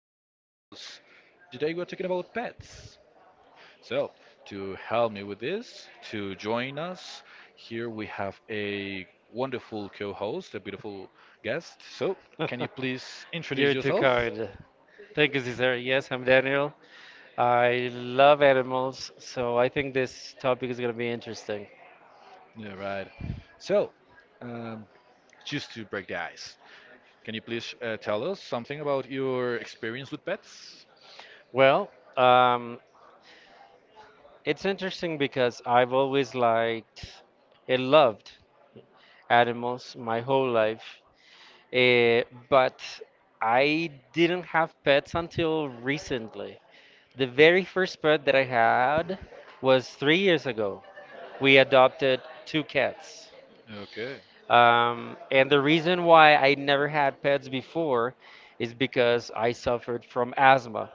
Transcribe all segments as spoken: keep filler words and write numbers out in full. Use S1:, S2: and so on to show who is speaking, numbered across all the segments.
S1: for all of us. Today, we're talking about pets. So, to help me with this, to join us, here we have a wonderful co host, a beautiful guest. So, can you please introduce
S2: You're too
S1: yourself?
S2: kind. Thank you, Cesar. Yes, I'm Daniel. I love animals, so I think this topic is going to be interesting.
S1: Yeah, right. So, um, just to break the ice, can you please uh, tell us something about your experience with pets?
S2: Well, um, it's interesting because I've always liked and loved animals my whole life, eh, but I didn't have pets until recently. The very first pet that I had was three years ago. We adopted two cats.
S1: Okay.
S2: Um, and the reason why I never had pets before is because I suffered from asthma.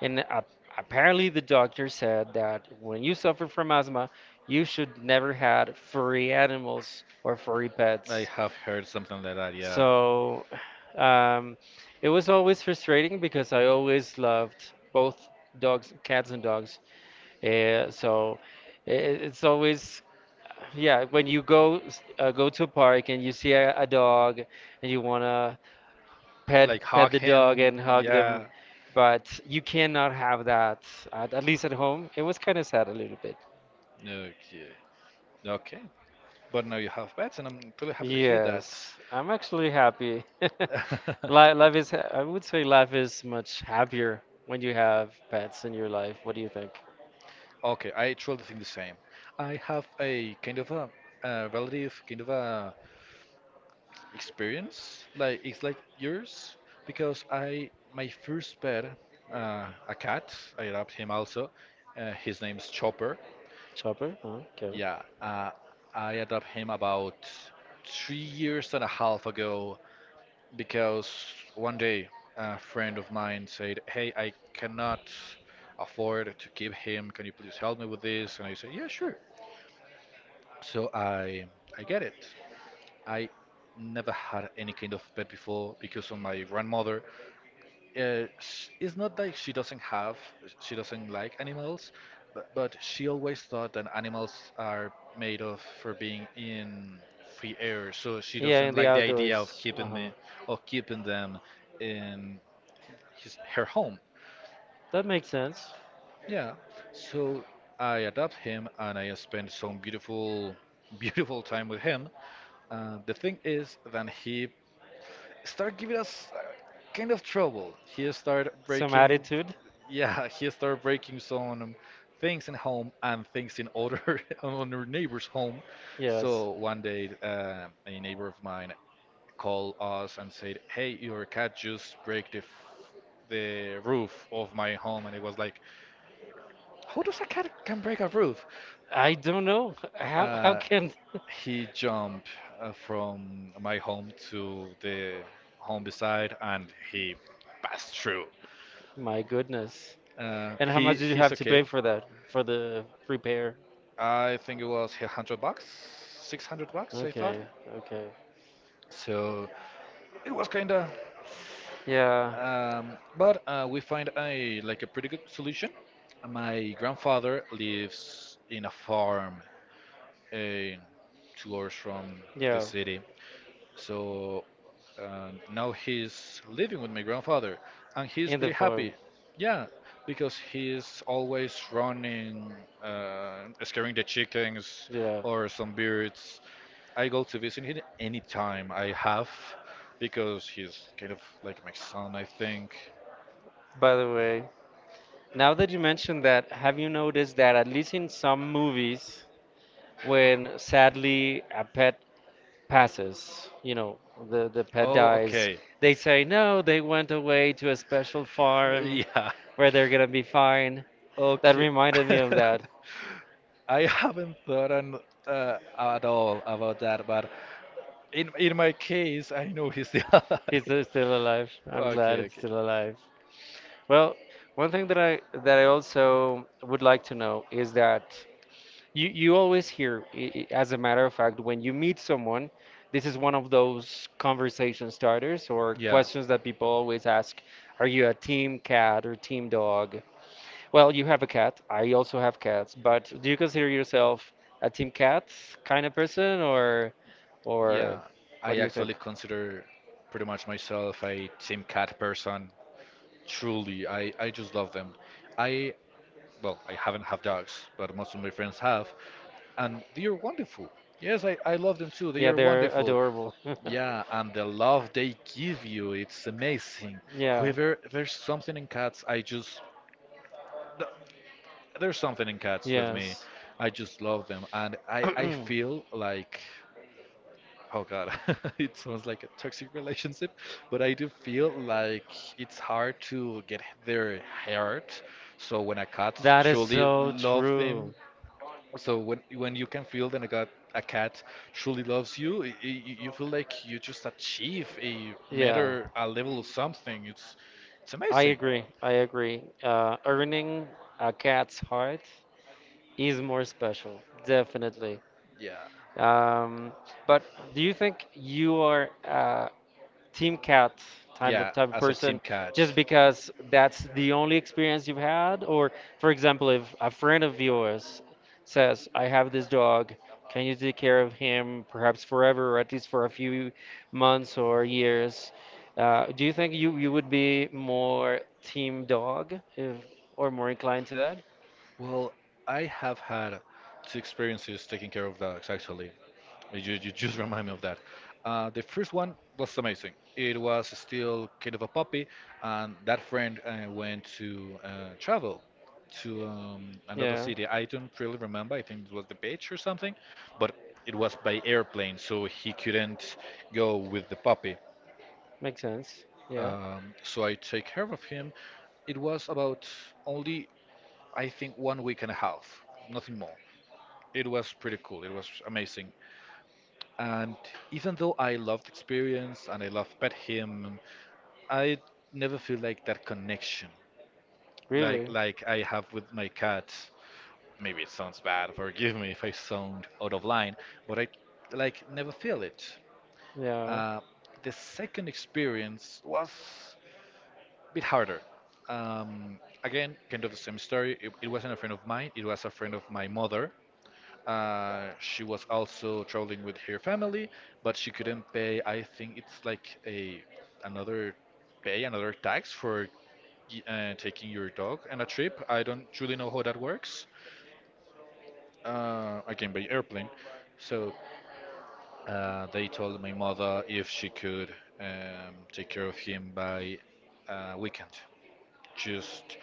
S2: And a apparently, the doctor said that when you suffer from asthma, you should never had furry animals or furry
S1: I
S2: pets.
S1: have heard something like that, yeah.
S2: So um, it was always frustrating because I always loved both dogs, cats, and dogs. Uh, so I- I- it's always yeah, when you go s- uh, go to a park and you see a, a dog and you wanna pet
S1: Like
S2: pet
S1: hug
S2: the dog
S1: him,
S2: and hug them,
S1: yeah.
S2: but you cannot have that at, at least at home. It was kind of sad a little bit.
S1: Okay. Okay. But now you have pets, and I'm really happy to hear that.
S2: Yes, I'm actually happy. Li- Life is, ha- I would say life is much happier when you have pets in your life. What do you think?
S1: Okay, I truly think the same. I have a kind of a, a relative kind of a experience, like it's like yours, because I my first pet, uh, a cat, I adopt him also. Uh, his name's Chopper.
S2: Chopper? Huh? Kevin?
S1: Yeah, uh, I adopt him about three years and a half ago because one day a friend of mine said, "Hey, I cannot afford to keep him. Can you please help me with this?" And I said, "Yeah, sure." So I I get it. I never had any kind of pet before because of my grandmother. Uh, sh It's not that she doesn't have, she doesn't like animals, but, but she always thought that animals are made of for being in free air. So she
S2: Yeah,
S1: doesn't
S2: in the
S1: like the idea of
S2: outdoors.
S1: keeping
S2: Uh-huh.
S1: me, of keeping them in his her home.
S2: That makes sense.
S1: Yeah, so I adopt him and I spend some beautiful, beautiful time with him. Uh, the thing is then he start giving us uh, kind of trouble. He start
S2: Some
S1: breaking,
S2: attitude?
S1: yeah, he start breaking some things in home and things in other on our neighbor's home.
S2: Yes.
S1: So one day, uh, a neighbor of mine called us and said, "Hey, your cat just break the f- the roof of my home," and it was like. How does a cat can break a roof?
S2: I don't know. How how
S1: Uh,
S2: can
S1: he jumped uh, from my home to the home beside, and he passed through.
S2: My goodness.
S1: Uh,
S2: And how
S1: he
S2: much did you
S1: he's
S2: have to pay
S1: okay.
S2: for that? For the repair?
S1: I think it was a hundred bucks, six hundred bucks. I thought
S2: Okay, okay.
S1: so. It was kinda.
S2: Yeah,
S1: Um, but uh, we find a like a pretty good solution. My grandfather lives in a farm uh, two hours from the
S2: yeah.
S1: city. So uh, now he's living with my grandfather, and he's
S2: In the
S1: pretty
S2: form.
S1: happy. Yeah, because he's always running, uh, scaring the chickens
S2: Yeah.
S1: or some birds. I go to visit him anytime I have, because he's kind of like my son, I think.
S2: By the way, now that you mentioned that, have you noticed that at least in some movies, when sadly a pet passes, you know, the, the pet
S1: Oh,
S2: dies,
S1: okay.
S2: they say, no, they went away to a special farm
S1: Yeah.
S2: where they're gonna be fine. That
S1: Okay.
S2: reminded me of that.
S1: I haven't thought on, uh, at all about that, but in in my case, I know he's still alive.
S2: He's uh, still alive. I'm glad
S1: Okay,
S2: it's
S1: okay.
S2: still alive. Well, one thing that I that I also would like to know is that you you always hear, i- i- as a matter of fact, when you meet someone, this is one of those conversation starters or
S1: Yeah,
S2: questions that people always ask. Are you a team cat or team dog? Well, you have a cat. I also have cats, but do you consider yourself a team cat kind of person or or
S1: yeah.
S2: what
S1: I
S2: do you think?
S1: actually consider pretty much myself a Team Cat person. Truly, I, I just love them. I, well, I haven't have dogs, but most of my friends have, and they are wonderful. Yes, I, I love them too. They
S2: Yeah,
S1: are
S2: they're
S1: wonderful.
S2: adorable.
S1: Yeah, and the love they give you, it's amazing.
S2: Yeah,
S1: Whoever, there's something in cats, I just, th- there's something in cats with me.
S2: yes.
S1: I just love them, and I, I
S2: That
S1: feel like Oh God, it sounds like a toxic relationship, but I do feel like it's hard to get their heart. So when a cat
S2: is
S1: truly
S2: so
S1: loves
S2: true.
S1: them, so when when you can feel that a cat a cat truly loves you, i- i- you you feel like you just achieve a
S2: Yeah,
S1: matter a level of something. It's it's
S2: I
S1: amazing.
S2: agree. I agree. Uh, earning a cat's heart is more special, definitely.
S1: Yeah.
S2: Um, but do you think you are uh, team cat type of
S1: Yeah,
S2: type of
S1: as a
S2: person
S1: team cat.
S2: just because that's the only experience you've had? Or, for example, if a friend of yours says i have this dog, can you take care of him perhaps forever or at least for a few months or years? Uh, do you think you, you would be more team dog, if or more inclined to that?
S1: Well, I have had two experiences taking care of dogs actually. You, you just remind me of that. Uh, the first one was amazing. It was still kind of a puppy, and that friend uh, went to uh, travel to um, another
S2: Yeah.
S1: city. I don't really remember. I think it was the beach or something, but it was by airplane, so he couldn't go with the puppy.
S2: Makes sense. Yeah.
S1: Um, so I take care of him. It was about only, I think, one week and a half, nothing more. It was pretty cool. It was amazing. And even though I love the experience and I love pet him, I never feel like that connection, like
S2: Really?
S1: like I have with my cats. Maybe it sounds bad. Forgive me if I sound out of line, but I like never feel it.
S2: Yeah.
S1: Uh, the second experience was a bit harder. Um, again, kind of the same story. It, it wasn't a friend of mine. It was a friend of my mother. Uh, she was also traveling with her family, but she couldn't pay. I think it's like a another pay, another tax for y- uh, taking your dog on a trip. I don't truly know how that works. Uh, again, by airplane. So uh, they told my mother if she could um, take care of him by uh, weekend, just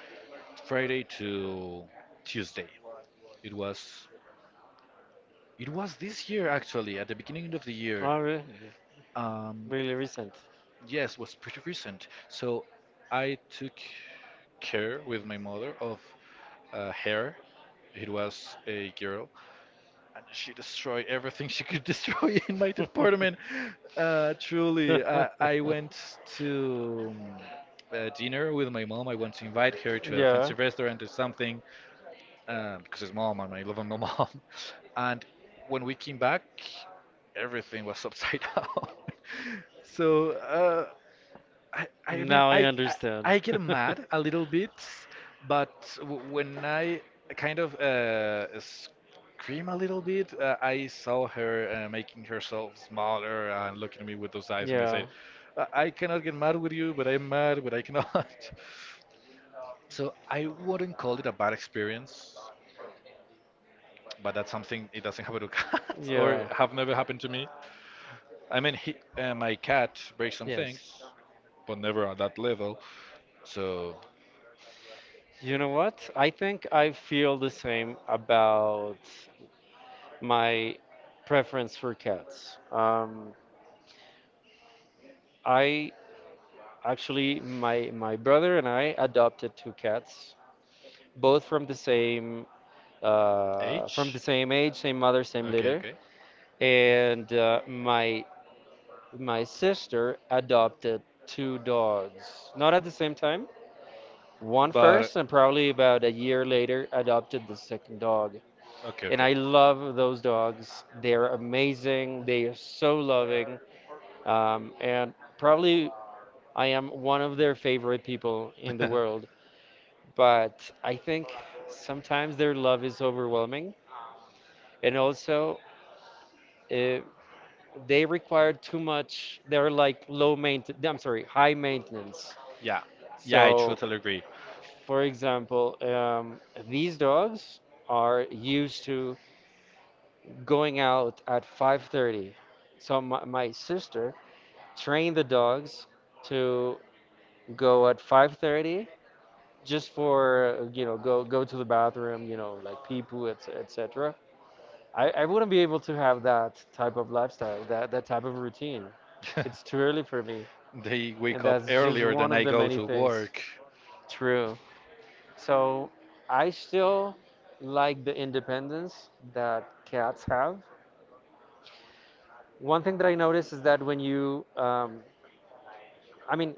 S1: Friday to Tuesday. It was it was this year actually at the beginning of the year.
S2: Oh, really?
S1: Um,
S2: Really recent.
S1: yes, was pretty recent. So I took care with my mother of uh, hair. It was a girl, and she destroyed everything she could destroy in my department. Uh, truly, uh, I went to um, a dinner with my mom. I want to invite her to a
S2: Yeah.
S1: fancy restaurant or something um, because his mom, and I love with my mom. And when we came back, everything was upside down. So, uh, I, I mean,
S2: Now I
S1: I, I,
S2: understand.
S1: I get mad a little bit, but w- when I kind of uh, scream a little bit, uh, I saw her uh, making herself smaller and looking at me with those eyes, and I
S2: Yeah.
S1: said, I I cannot get mad with you, but I'm mad, but I cannot. So I wouldn't call it a bad experience but that's something it doesn't happen to cats or
S2: Yeah.
S1: have never happened to me. I mean, he, uh, my cat breaks some
S2: Yes.
S1: things, but never at that level. So
S2: You know what? I think I feel the same about my preference for cats. Um, I actually, my my brother and I adopted two cats, both from the same uh, from the
S1: age?
S2: same age, same mother, same
S1: Okay,
S2: litter.
S1: okay.
S2: And uh, my my sister adopted two dogs, not at the same time. One
S1: But
S2: first, and probably about a year later, adopted the second dog. And
S1: okay,
S2: I love those dogs. They're amazing. They are so loving. Um, and probably I am one of their favorite people in the world. But I think sometimes their love is overwhelming. And also, uh, they require too much. They're
S1: okay.
S2: like low maintenance. I'm sorry, high maintenance.
S1: Yeah, yeah, I
S2: So,
S1: totally agree.
S2: for example, um, these dogs are used to going out at five thirty. So my, my sister trained the dogs to go at five thirty just for uh, you know go go to the bathroom, you know, like pee poo, et cetera. I, I wouldn't be able to have that type of lifestyle, that that type of routine. It's too early for me.
S1: They wake
S2: and
S1: up
S2: that's just
S1: earlier
S2: one
S1: than I
S2: of the
S1: go
S2: many
S1: to
S2: things.
S1: work.
S2: True. So I still like the independence that cats have. One thing that I noticed is that when you, um, I mean,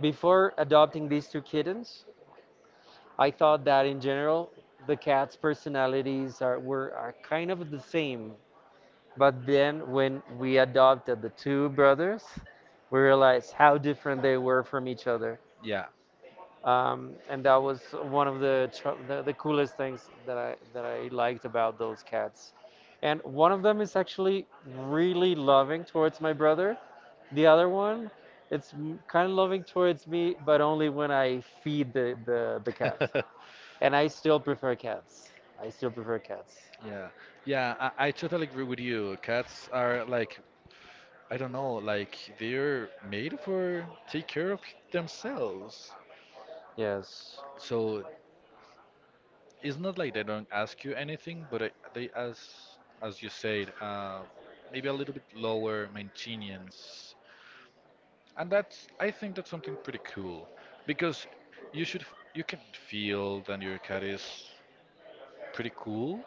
S2: before adopting these two kittens, I thought that in general the cats' personalities are were are kind of the same. But then when we adopted the two brothers, we realized how different they were from each other.
S1: Yeah.
S2: um, and that was one of the, tr- the the coolest things that I that I liked about those cats. And one of them is actually really loving towards my brother. The other one, it's kind of loving towards me, but only when I feed the, the, the cat. And I still prefer cats. I still prefer cats.
S1: Yeah, yeah, I, I totally agree with you. Cats are like I don't know, like they're made for take care of themselves.
S2: Yes.
S1: So it's not like they don't ask you anything, but I, they ask, as you said, uh, maybe a little bit lower maintenance, and that's I think that's something pretty cool because you should f- you can feel that your cat is pretty cool,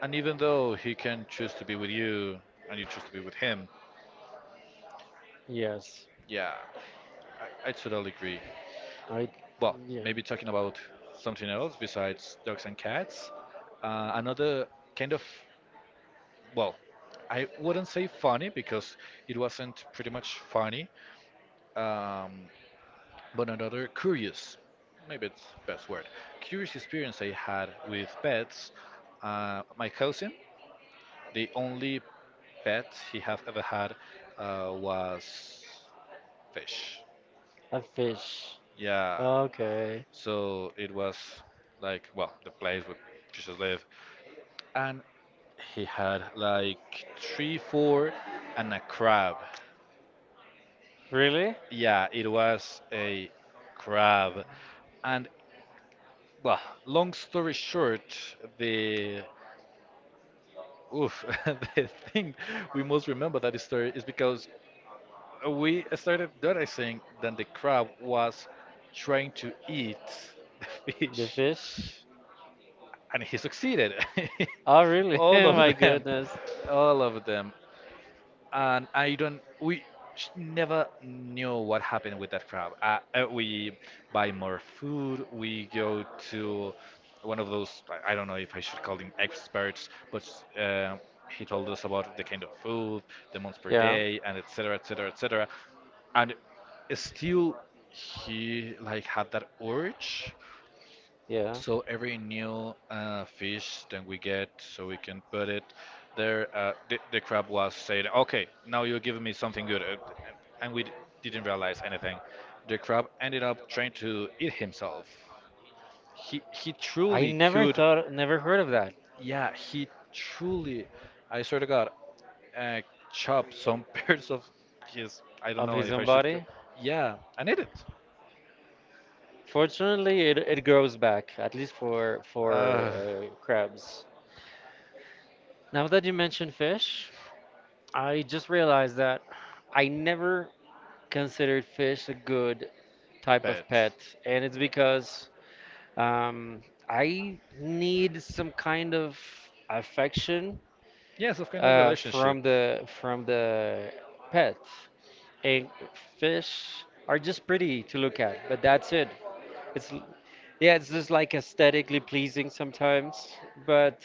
S1: and even though he can choose to be with you and you choose to be with him,
S2: Yes.
S1: yeah, I, I totally agree.
S2: I
S1: Well,
S2: yeah.
S1: maybe talking about something else besides dogs and cats. Uh, another kind of, well, I wouldn't say funny because it wasn't pretty much funny, um, but another curious, maybe it's the best word, curious experience I had with pets. Uh, my cousin, the only pet he have ever had uh, was fish.
S2: A fish.
S1: Yeah,
S2: Okay.
S1: so it was like well, the place where fishes live and he had like three, four, and a crab.
S2: Really?
S1: Yeah, it was a crab. And well, long story short, the oof, the thing we most remember that story is because we started noticing that the crab was trying to eat the
S2: The
S1: fish,
S2: fish?
S1: and he succeeded.
S2: Oh, really?
S1: All
S2: My
S1: of them,
S2: goodness.
S1: all of them. And I don't. We sh- never knew what happened with that crab. Uh, uh, we buy more food. We go to one of those. I I don't know if I should call them experts, but uh, he told us about the kind of food, the months per
S2: Yeah,
S1: day, and et cetera et cetera et cetera. And still, he like had that urge
S2: yeah.
S1: so every new uh, fish that we get, so we can put it there. Uh, the, the crab was saying, "Okay, now you're giving me something good," uh, and we d- didn't realize anything. The crab ended up trying to eat himself. He he
S2: I
S1: truly
S2: never
S1: could.
S2: thought, never heard of that,
S1: Yeah, he truly, I swear to God, uh, chopped some parts of his. I don't
S2: of
S1: know
S2: his
S1: if I
S2: own
S1: should. Go-
S2: body.
S1: Yeah, and ate it.
S2: Fortunately, it, it grows back, at least for for
S1: Uh,
S2: uh, crabs. Now that you mentioned fish, I just realized that I never considered fish a good type of
S1: Pet.
S2: pet, and it's because um, I need some kind of affection
S1: Yes, of kind of
S2: uh, from
S1: relationship.
S2: the from the pet. and fish are just pretty to look at, but that's it. It's l- yeah, it's just like aesthetically pleasing sometimes, but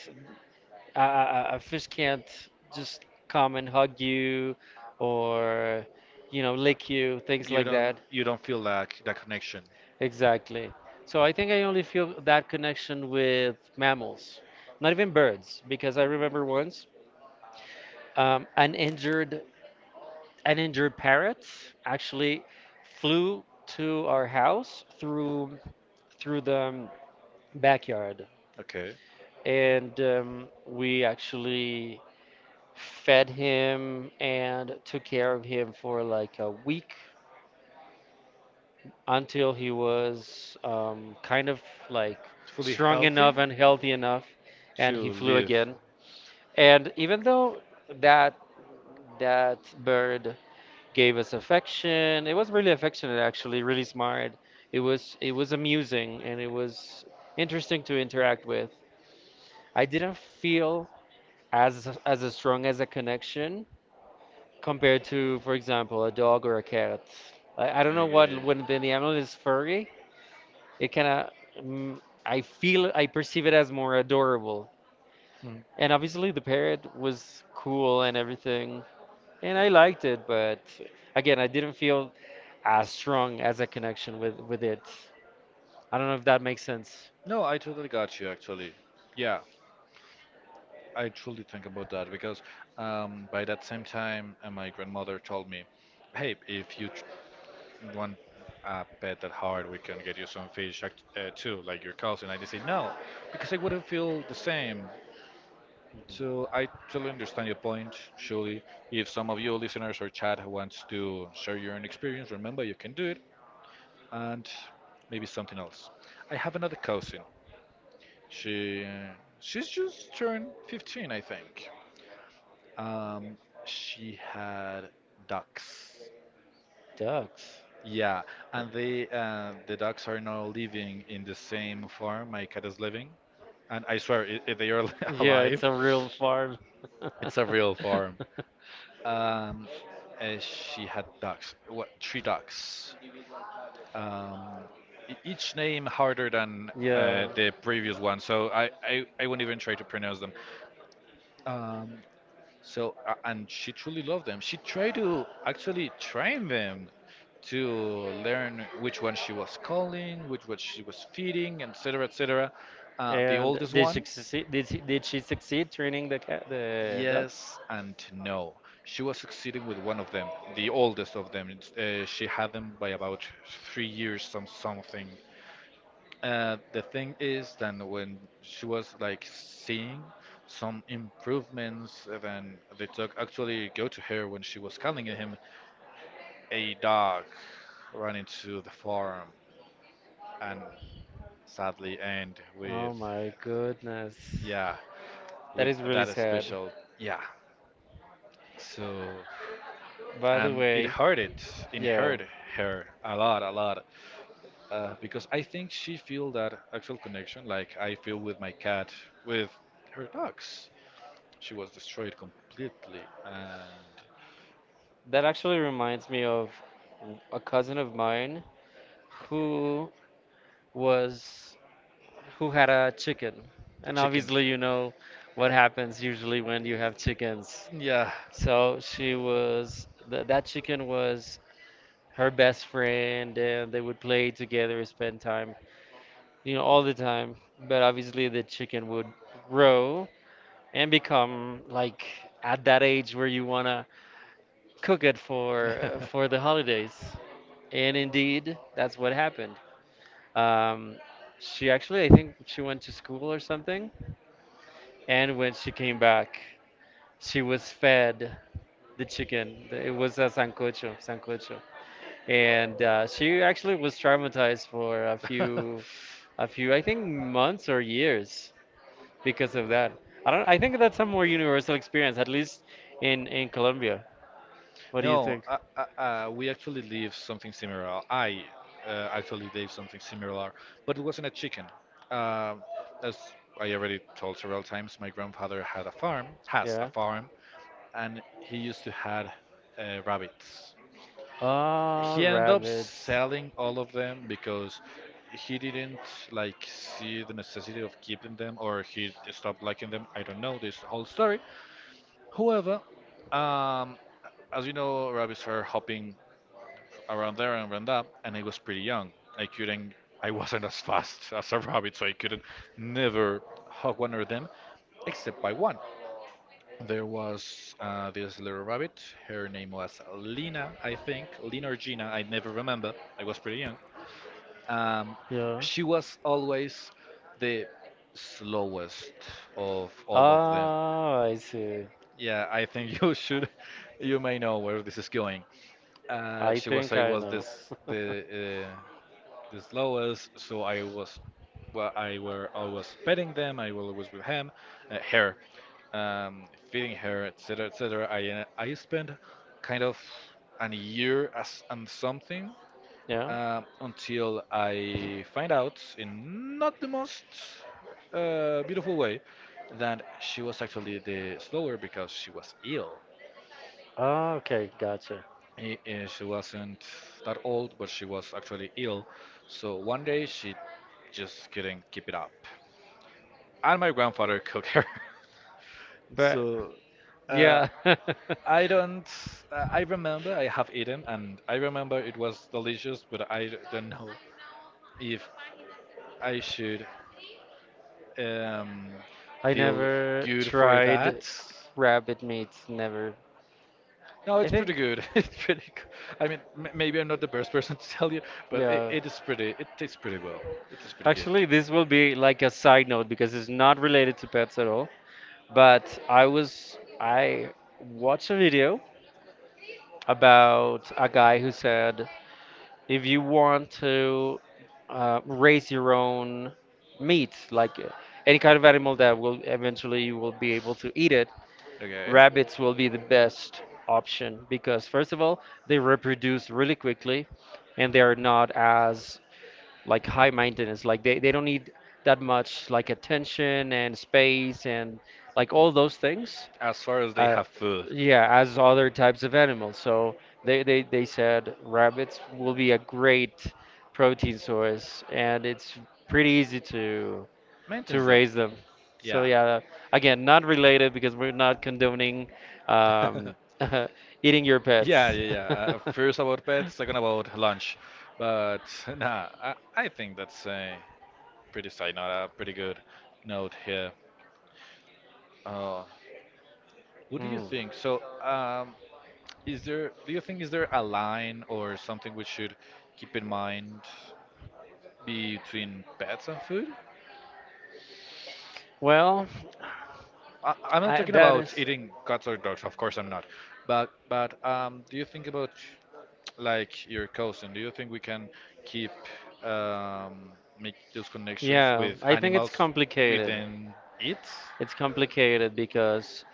S2: a, a a- fish can't just come and hug you or you know lick you, things
S1: You
S2: like
S1: don't
S2: that.
S1: you don't feel like that connection.
S2: Exactly. So I think I only feel that connection with mammals, not even birds, because I remember once um, an injured an injured parrot actually flew to our house through through the um, backyard,
S1: Okay.
S2: and um, we actually fed him and took care of him for like a week until he was um, kind of like
S1: Fully
S2: strong
S1: healthy
S2: enough and healthy enough, and he
S1: to
S2: flew
S1: live.
S2: again. And even though that that bird gave us affection. It was really affectionate, actually, really smart. It was it was amusing and it was interesting to interact with. I didn't feel as as a strong as a connection compared to, for example, a dog or a cat. I, I don't know what
S1: Okay.
S2: when the animal is furry, it kind of, mm, I feel I perceive it as more adorable.
S1: Hmm.
S2: And obviously the parrot was cool and everything, and I liked it, but again, I didn't feel as strong as a connection with with it. I don't know if that makes sense.
S1: No, I totally got you actually. Yeah, I truly think about that because um, by that same time, uh, my grandmother told me, hey, if you tr want a pet that hard, we can get you some fish act- uh, too, like your cousin. I just say no, because I wouldn't feel the same. So I totally understand your point, surely. If some of you listeners or chat wants to share your own experience, remember you can do it and maybe something else. I have another cousin. She she's just turned fifteen, I think. Um, she had ducks.
S2: Ducks.
S1: Yeah, and they uh, the ducks are now living in the same farm my cat is living, and I swear i i- they are
S2: Yeah,
S1: alive.
S2: it's a real farm.
S1: It's a real farm. Um, uh, she had ducks. What three ducks? Um, e- each name harder than uh,
S2: Yeah,
S1: the previous one, so I, I I wouldn't even try to pronounce them. Um, So uh, and she truly loved them. She tried to actually train them to learn which one she was calling, which one she was feeding, et cetera, et cetera. Uh, the
S2: and
S1: oldest
S2: did she
S1: one,
S2: succeed? Did she, did she succeed training the cat, the ducks?
S1: yes and no. She was succeeding with one of them, the oldest of them. It's, Uh, she had them by about three years, some something. Uh, the thing is that when she was like seeing some improvements, uh, then the dog actually go to her when she was calling him. A dog ran into the farm and sadly end with
S2: Oh my goodness,
S1: yeah
S2: that
S1: with
S2: is really
S1: that
S2: sad.
S1: special yeah. So
S2: By the
S1: and it
S2: way,
S1: hurt it, it
S2: yeah,
S1: hurt her a lot, a lot, uh, because I think she feel that actual connection like I feel with my cat with her dogs. She was destroyed completely, and
S2: that actually reminds me of a cousin of mine who was who had a chicken.
S1: the
S2: And
S1: chicken.
S2: obviously, you know what happens usually when you have chickens.
S1: Yeah.
S2: So she was, th that chicken was her best friend, and they would play together, spend time, you know, all the time. But obviously, the chicken would grow and become like at that age where you wanna cook it for for the holidays. And indeed, that's what happened. Um, she actually, I think she went to school or something, and when she came back, she was fed the chicken. It was a sancocho, sancocho. And uh, she actually was traumatized for a few, a few, I think, months or years because of that. I don't, I think that's a more universal experience, at least in in Colombia. What do you
S1: No,
S2: think?
S1: uh, uh, uh, we actually live something similar. I uh, actually live something similar, but it wasn't a chicken. Uh, as I already told several times, my grandfather had a farm, has a
S2: Yeah.
S1: farm, and he used to had uh, rabbits.
S2: Ah,
S1: He ended up
S2: rabbits.
S1: selling all of them because he didn't like see the necessity of keeping them, or he stopped liking them. I don't know this whole story. However, um, as you know, rabbits are hopping around there and around that, and I was pretty young. I couldn't, I wasn't as fast as a rabbit, so I couldn't never hug one of them except by one. There was uh, this little rabbit. Her name was Lina, I think. Lina or Gina, I never remember. I was pretty young. Um,
S2: Yeah.
S1: she was always the slowest of all of them.
S2: Ah, I see.
S1: Yeah, I think you should, you may know where this is going. Uh,
S2: I
S1: she was
S2: think
S1: I
S2: I
S1: was
S2: know.
S1: this the uh, the slowest, so I was, well, I were always petting them. I was always with him, uh, her, um, feeding her, et cetera, et cetera. I uh, I spent kind of an year as and something
S2: Yeah.
S1: uh, until I find out, in not the most uh, beautiful way, that she was actually the slower because she was ill.
S2: Ah, okay, gotcha.
S1: I- uh, She wasn't that old, but she was actually ill. So one day she just couldn't keep it up. And my grandfather cooked her.
S2: But
S1: So uh,
S2: yeah.
S1: I don't. Uh, I remember I have eaten, and I remember it was delicious, but I d- don't know if I should um,
S2: I
S1: feel
S2: never
S1: good for that.
S2: tried rabbit meat. Never.
S1: No,
S2: I
S1: it's pretty
S2: think,
S1: good. It's pretty. Good. I mean, m maybe I'm not the best person to tell you, but it,
S2: yeah.
S1: it is pretty. It tastes pretty well. It is pretty good.
S2: Actually, this will be like a side note because it's not related to pets at all. But I was, I watched a video about a guy who said if you want to uh, raise your own meat, like uh, any kind of animal that will eventually you will be able to eat it,
S1: Okay.
S2: rabbits will be the best option because first of all they reproduce really quickly and they are not as like high maintenance, like they, they don't need that much like attention and space and like all those things,
S1: As far as they
S2: uh,
S1: have food.
S2: yeah, as other types of animals, so they, they they said rabbits will be a great protein source and it's pretty easy to to
S1: Maintains them.
S2: raise them. So
S1: Yeah.
S2: yeah, again, not related because we're not condoning um, eating your
S1: Yeah,
S2: pets.
S1: yeah, yeah. Uh, first about pets, second about lunch. But nah, I, I think that's a pretty side note, a pretty good note here. Oh, what do you
S2: Mm.
S1: think? So, um, Is there, do you think, is there a line or something we should keep in mind between pets and food?
S2: Well,
S1: I, I'm not
S2: I,
S1: talking
S2: that
S1: about
S2: is
S1: eating cats or dogs, of course I'm not. But but um, do you think about like your cousin? Do you think we can keep um, make those connections
S2: yeah.
S1: with
S2: I think it's
S1: animals
S2: complicated.
S1: within it?
S2: It's complicated because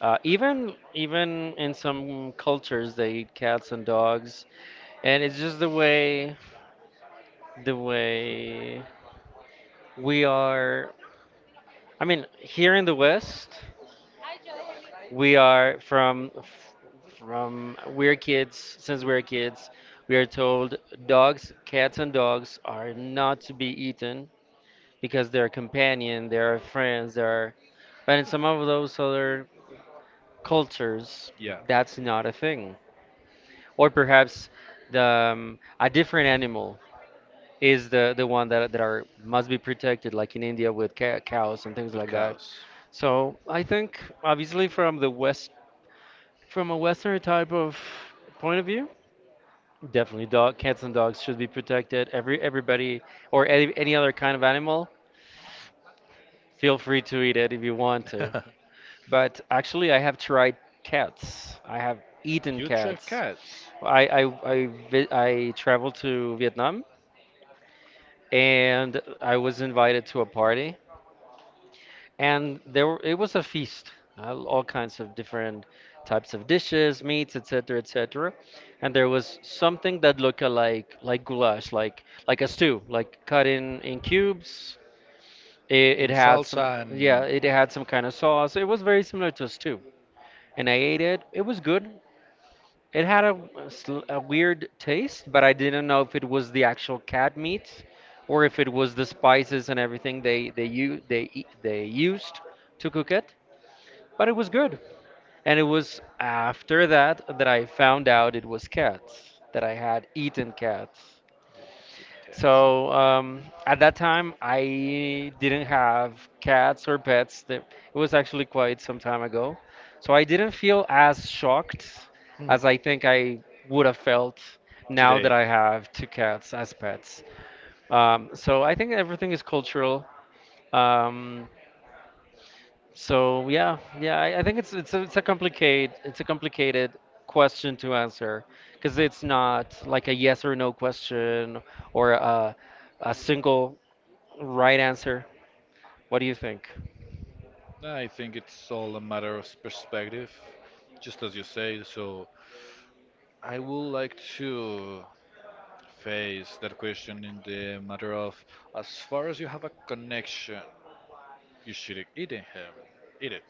S2: uh, even even in some cultures they eat cats and dogs, and it's just the way the way we are. I mean, here in the West. We are from from we're kids since we're kids we are told dogs cats and dogs are not to be eaten because they're a companion, they're friends, they're but in some of those other cultures
S1: Yeah,
S2: that's not a thing. Or perhaps the um, a different animal is the the one that that are must be protected, like in India with ca- cows and things
S1: with
S2: like that.
S1: cows.
S2: So I think obviously from the west, From a Western type of point of view, definitely dog cats and dogs should be protected. Every everybody or any, any other kind of animal, feel free to eat it if you want to. But actually, I have tried cats. I have eaten
S1: You drive
S2: cats.
S1: cats
S2: I I I, vi- I traveled to Vietnam and I was invited to a party, and there were, it was a feast, uh, all kinds of different types of dishes, meats, etc, etc. And there was something that looked like like goulash, like like a stew, like cut in in cubes. It, it
S1: in
S2: had some,
S1: salsa and
S2: yeah,
S1: yeah,
S2: it had some kind of sauce. It was very similar to a stew, and I ate it. It was good. It had a, sl- a weird taste, but I didn't know if it was the actual cat meat or if it was the spices and everything they they u- they e- they used to cook it. But it was good. And it was after that that I found out it was cats, that I had eaten cats.
S1: eating cats.
S2: So um, at that time, I didn't have cats or pets. That It was actually quite some time ago. So I didn't feel as shocked
S1: Hmm.
S2: as I think I would have felt now that
S1: Today,
S2: I have two cats as pets. Um, so I think everything is cultural. Um, So yeah, yeah, I, I think it's it's a, it's a complicated it's a complicated question to answer, because it's not like a yes or no question, or a a single right answer. What do you think?
S1: I think it's all a matter of perspective, just as you say. So I would like to face that question in the matter of as far as you have a connection, you should eat it. Eat it.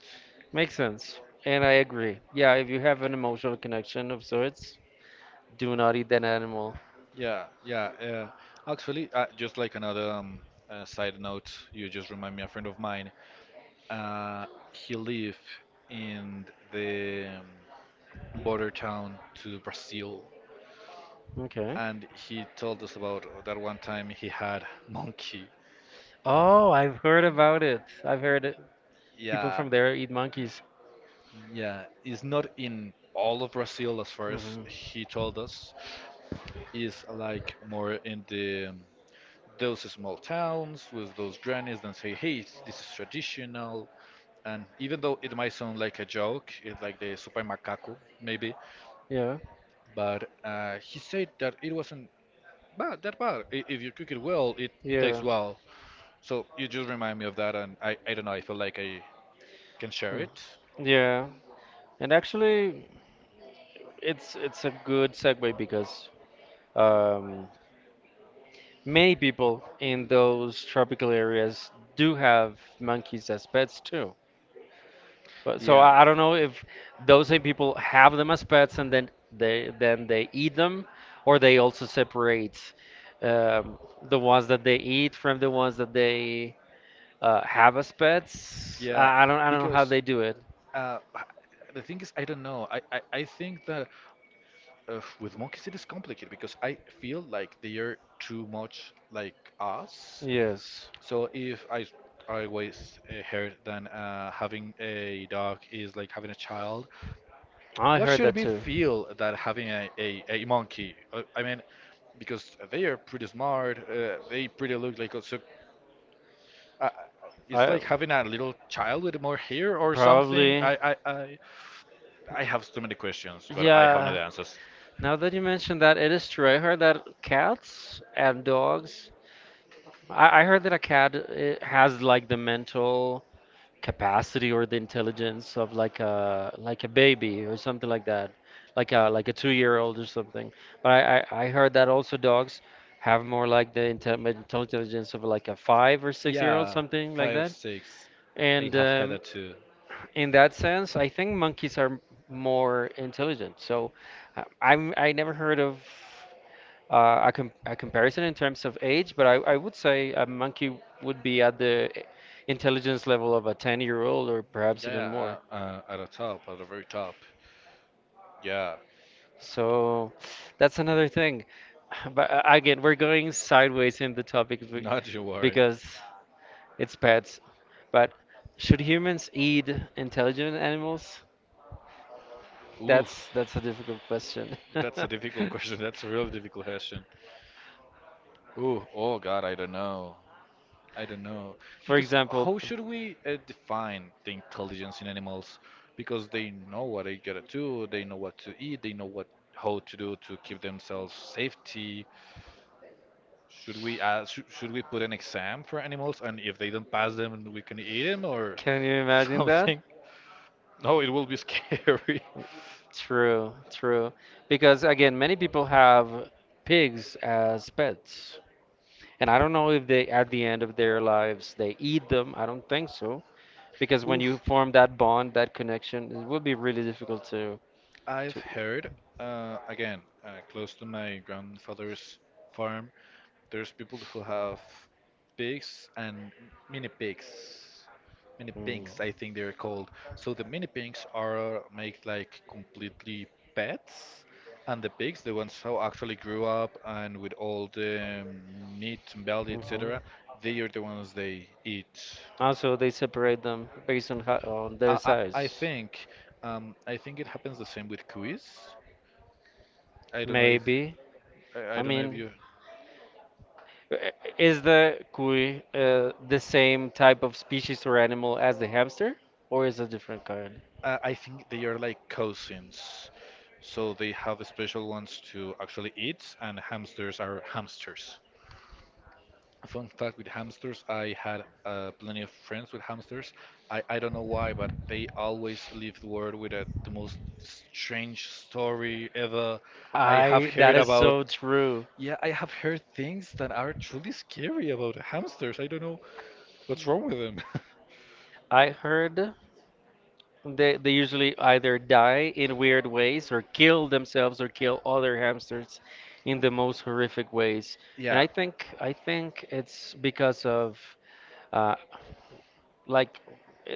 S2: Makes sense, and I agree. Yeah, if you have an emotional connection of sorts, do not eat that animal.
S1: Yeah, yeah. Uh, actually, uh, just like another um, uh, side note, you just remind me a friend of mine. Uh, he lived in the um, border town to Brazil,
S2: Okay.
S1: and he told us about that one time he had monkey.
S2: Oh, I've heard about it. I've heard it. People
S1: Yeah,
S2: from there eat monkeys.
S1: yeah. It's not in all of Brazil as far as
S2: Hmm.
S1: he told us, is like more in the um, those small towns with those grannies that say, "Hey, it's- this is traditional." And even though it might sound like a joke, it's like the super macaco maybe,
S2: Yeah,
S1: but uh, he said that it wasn't bad that bad. I- If you cook it well, it tastes
S2: yeah,
S1: well. So you just remind me of that, and I I don't know. I feel like I can share
S2: yeah.
S1: it.
S2: Yeah. And actually, It's it's a good segue because um, many people in those tropical areas do have monkeys as pets too. But so
S1: Yeah,
S2: I, I don't know if those same people have them as pets and then they then they eat them, or they also separate um, the ones that they eat from the ones that they uh, have as pets.
S1: yeah,
S2: I, I don't I don't know how
S1: because.
S2: they do it.
S1: Uh, h- the thing is, I don't know. I, I, I think that uh, with monkeys it is complicated because I feel like they are too much like us.
S2: Yes,
S1: So if I I always uh, heard then uh, having a dog is like having a child.
S2: I
S1: What
S2: heard
S1: should
S2: that
S1: we
S2: too.
S1: feel that having a, a, a monkey? Uh, I mean, because they are pretty smart. Uh, they pretty look like uh, so. Uh, it's
S2: I
S1: like having a little child with more hair or something.
S2: probably,
S1: I I I, I have so many questions, but I have no
S2: yeah.
S1: answers.
S2: Now that you mentioned that, it is true. I heard that cats and dogs. I, I heard that a cat, it has like the mental capacity or the intelligence of like a like a baby or something like that, like a like a two-year-old or something. But I, I, I heard that also dogs have more like the inte- mental intelligence of like a five or six-year-old,
S1: Yeah,
S2: something like
S1: five,
S2: that.
S1: six. I
S2: And
S1: have had
S2: um,
S1: that too.
S2: In that sense, I think monkeys are more intelligent. So uh, I'm I never heard of uh, a, com a comparison in terms of age, but I, I would say a monkey would be at the intelligence level of a ten-year-old or perhaps even
S1: Yeah,
S2: more.
S1: uh, uh, at the top, at the very top. Yeah,
S2: So that's another thing. But uh, again, we're going sideways in the topic be-
S1: not you worry.
S2: because it's pets. But should humans eat intelligent animals?
S1: Oof,
S2: That's that's a difficult question.
S1: that's a difficult question. That's a really difficult question. Ooh, oh God, I don't know. I don't know.
S2: For
S1: Because
S2: example,
S1: how should we uh, define the intelligence in animals? Because they know what they gotta do, they know what to eat, they know what how to do to keep themselves safety. Should we ask, should, should we put an exam for animals, and if they don't pass them, we can eat them or
S2: can you imagine that?
S1: something? No, it will be scary.
S2: True, true. Because again, many people have pigs as pets. And I don't know if they, at the end of their lives, they eat them. I don't think so. Because when you
S1: Oof.
S2: form that bond, that connection, it would be really difficult to
S1: I've
S2: to.
S1: heard, uh, again, uh, close to my grandfather's farm, there's people who have pigs and mini pigs. Mini
S2: Mm,
S1: pigs, I think they're called. So the mini pigs are made like completely pets, and the pigs, the ones who actually grew up and with all the um, meat and belly,
S2: hmm.
S1: et cetera, they are the ones they eat.
S2: Also, they separate them based on how, on their
S1: I, I, I
S2: size.
S1: think, um, I think it happens the same with cuis. I don't know if
S2: Maybe.
S1: I, I
S2: I
S1: don't know if
S2: mean,
S1: you.
S2: i- is the cuy uh, the same type of species or animal as the hamster, or is it a different kind?
S1: Uh, I think they are like cousins, so they have special ones to actually eat, and hamsters are hamsters. Fun fact with hamsters, I had uh, plenty of friends with hamsters. I, I don't know why, but they always leave the world with a, the most strange story ever. I have
S2: I, that
S1: heard
S2: is
S1: about,
S2: so true.
S1: yeah, I have heard things that are truly scary about hamsters. I don't know what's wrong with them.
S2: I heard they they usually either die in weird ways or kill themselves or kill other hamsters in the most horrific ways. And
S1: Yeah.
S2: I think I think it's because of uh, like i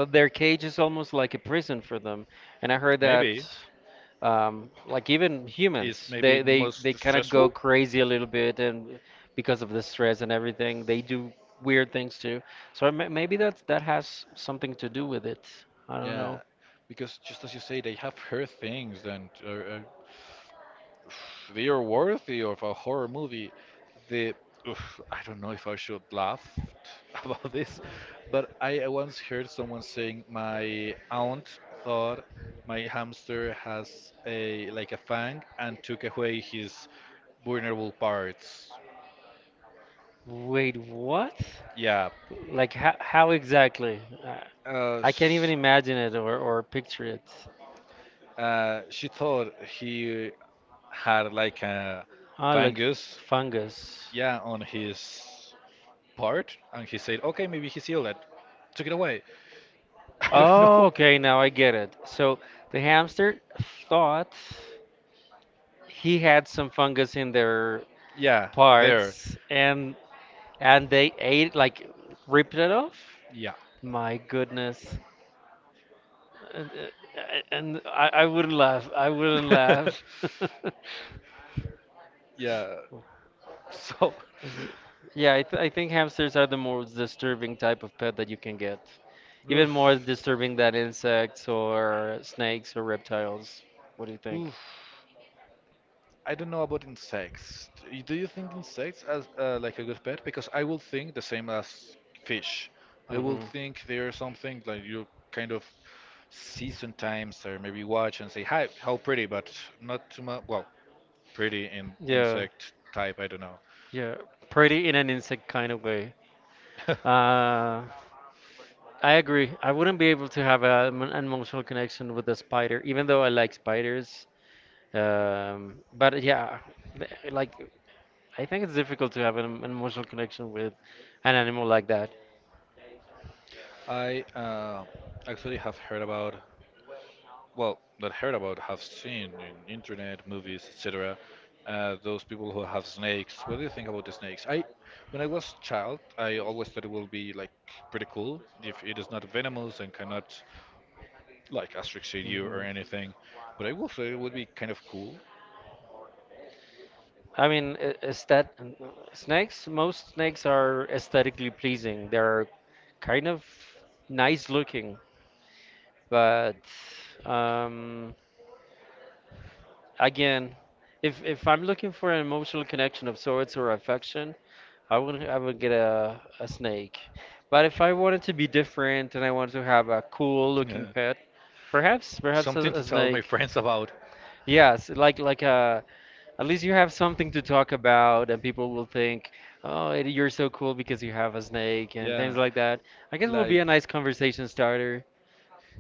S2: i- their cage is almost like a prison for them. And I heard that. Um, like even humans, they they, they kind of go crazy a little bit, and because of the stress and everything, they do weird things too. So I ma- maybe that that has something to do with it. I don't know.
S1: Yeah, because just as you say, they have heard things and are, are, they are worthy of a horror movie. The oof, I don't know if I should laugh about this, but I once heard someone saying my aunt thought my hamster has a like a fang and took away his vulnerable parts.
S2: Wait, what?
S1: Yeah,
S2: Like, how, how exactly, uh,
S1: Uh,
S2: I can't even
S1: sh-
S2: imagine it, or, or picture it.
S1: uh, she thought he had like a
S2: Ah, like
S1: fungus,
S2: fungus.
S1: yeah, on his part, and he said, "Okay, maybe he ill." it." took it away. I don't
S2: Oh,
S1: know.
S2: okay, now I get it. So the hamster thought he had some fungus in their
S1: Yeah, there.
S2: parts, and and they ate like, ripped it off.
S1: Yeah.
S2: My goodness. And, uh, and I, I wouldn't laugh I wouldn't laugh.
S1: yeah. So,
S2: Yeah, I, th- I think hamsters are the most disturbing type of pet that you can get, even
S1: oof,
S2: more disturbing than insects or snakes or reptiles. What do you think?
S1: oof. I don't know about insects. Do you do you think insects as uh, like a good pet? Because I will think the same as fish. I will
S2: Hmm.
S1: think they are something like you kind of see sometimes or maybe watch and say, "Hi, how pretty," but not too much. Well, pretty in
S2: Yeah.
S1: insect type. I don't know.
S2: Yeah, pretty in an insect kind of way. Uh, I agree. I wouldn't be able to have a, an emotional connection with a spider, even though I like spiders. Um, but yeah, th- like I think it's difficult to have an, an emotional connection with an animal like that.
S1: I uh, actually have heard about well that heard about have seen in internet movies etc uh, those people who have snakes. What do you think about the snakes? I when I was child I always thought it will be like pretty cool if it is not venomous and cannot like asphyxiate you or
S2: Hmm.
S1: anything, but I will say it would be kind of cool.
S2: I mean, a- aesthet- snakes. Most snakes are aesthetically pleasing. They're kind of nice looking, but um, again, if if I'm looking for an emotional connection of sorts or affection, I would I would get a a snake. But if I wanted to be different and I wanted to have a cool looking
S1: Yeah,
S2: pet, perhaps perhaps a,
S1: something
S2: a
S1: to tell my
S2: snake.
S1: friends about.
S2: Yes, like like a, at least you have something to talk about, and people will think, "Oh, Eddie, you're so cool because you have a snake" and things
S1: Yeah,
S2: like that. I guess will be
S1: like
S2: a nice conversation starter.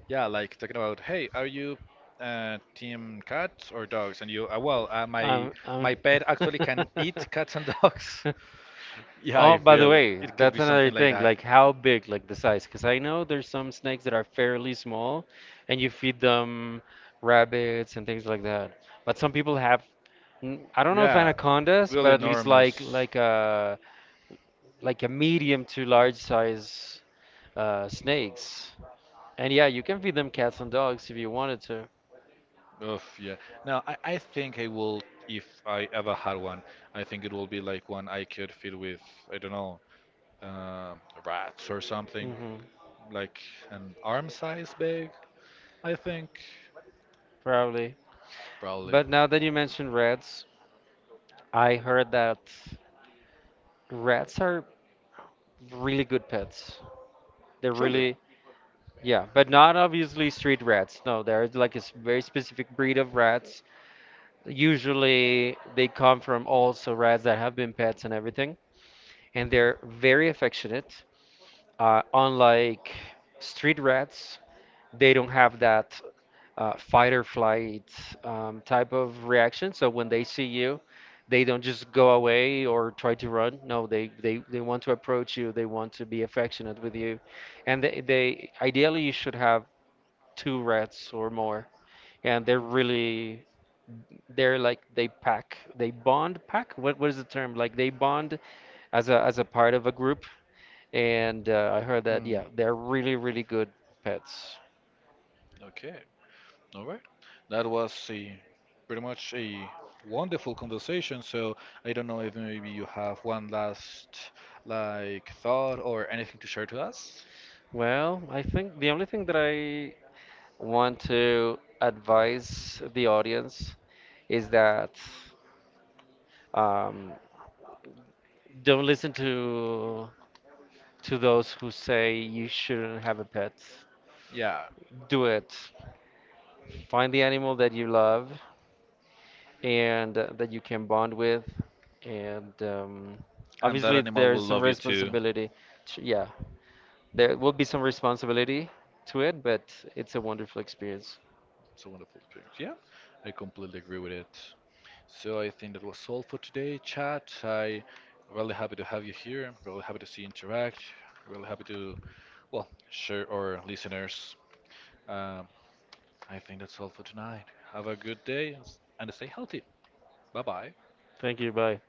S1: yeah, like talking about, hey, are you uh, team cats or dogs? And you, uh, well, uh, my
S2: Um, um
S1: my pet actually can eat cats and dogs. Yeah, I
S2: Oh, by the
S1: feel
S2: way,
S1: it could be
S2: that's another
S1: something like
S2: thing.
S1: that.
S2: Like how big, like the size? Because I know there's some snakes that are fairly small, and you feed them rabbits and things like that. But some people have, n- I don't know if
S1: Yeah,
S2: anacondas, but
S1: really
S2: at least like
S1: enormous.
S2: like a like a medium to large size uh, snakes. And yeah, you can feed them cats and dogs if you wanted to.
S1: Oh, yeah. Now, I, I think I will, if I ever had one, I think it will be like one I could feed with, I don't know, uh, rats or something,
S2: Hmm.
S1: like an arm size big, I think.
S2: Probably.
S1: Probably.
S2: But now that you mentioned rats, I heard that rats are really good pets. They're really, yeah, but not obviously street rats. No, they're like a s- very specific breed of rats. Usually they come from also rats that have been pets and everything, and they're very affectionate. Uh, unlike street rats, they don't have that uh, fight or flight um, type of reaction. So when they see you, they don't just go away or try to run. No, they, they, they want to approach you. They want to be affectionate with you, and they, they ideally you should have two rats or more, and they're really, they're like they pack they bond, pack, what what is the term, like they bond as a as a part of a group. And uh, I heard that,
S1: Mm,
S2: yeah, they're really really good pets.
S1: okay, all right. That was a pretty much a wonderful conversation. So I don't know if maybe you have one last like thought or anything to share to us.
S2: Well, I think the only thing that I want to advise the audience is that um, don't listen to to those who say you shouldn't have a pet.
S1: Yeah,
S2: Do it. Find the animal that you love and uh, that you can bond with. And um,
S1: and that
S2: Obviously,
S1: animal
S2: there's
S1: will
S2: some
S1: love you too.
S2: responsibility. To- yeah, there will be some responsibility to it, but it's a wonderful experience.
S1: It's a wonderful experience. Yeah, I completely agree with it. So I think that was all for today, chat. I really happy to have you here. Really happy to see you interact. Really happy to well, sure, or listeners, um, I think that's all for tonight. Have a good day and stay healthy. Bye bye.
S2: Thank you. Bye.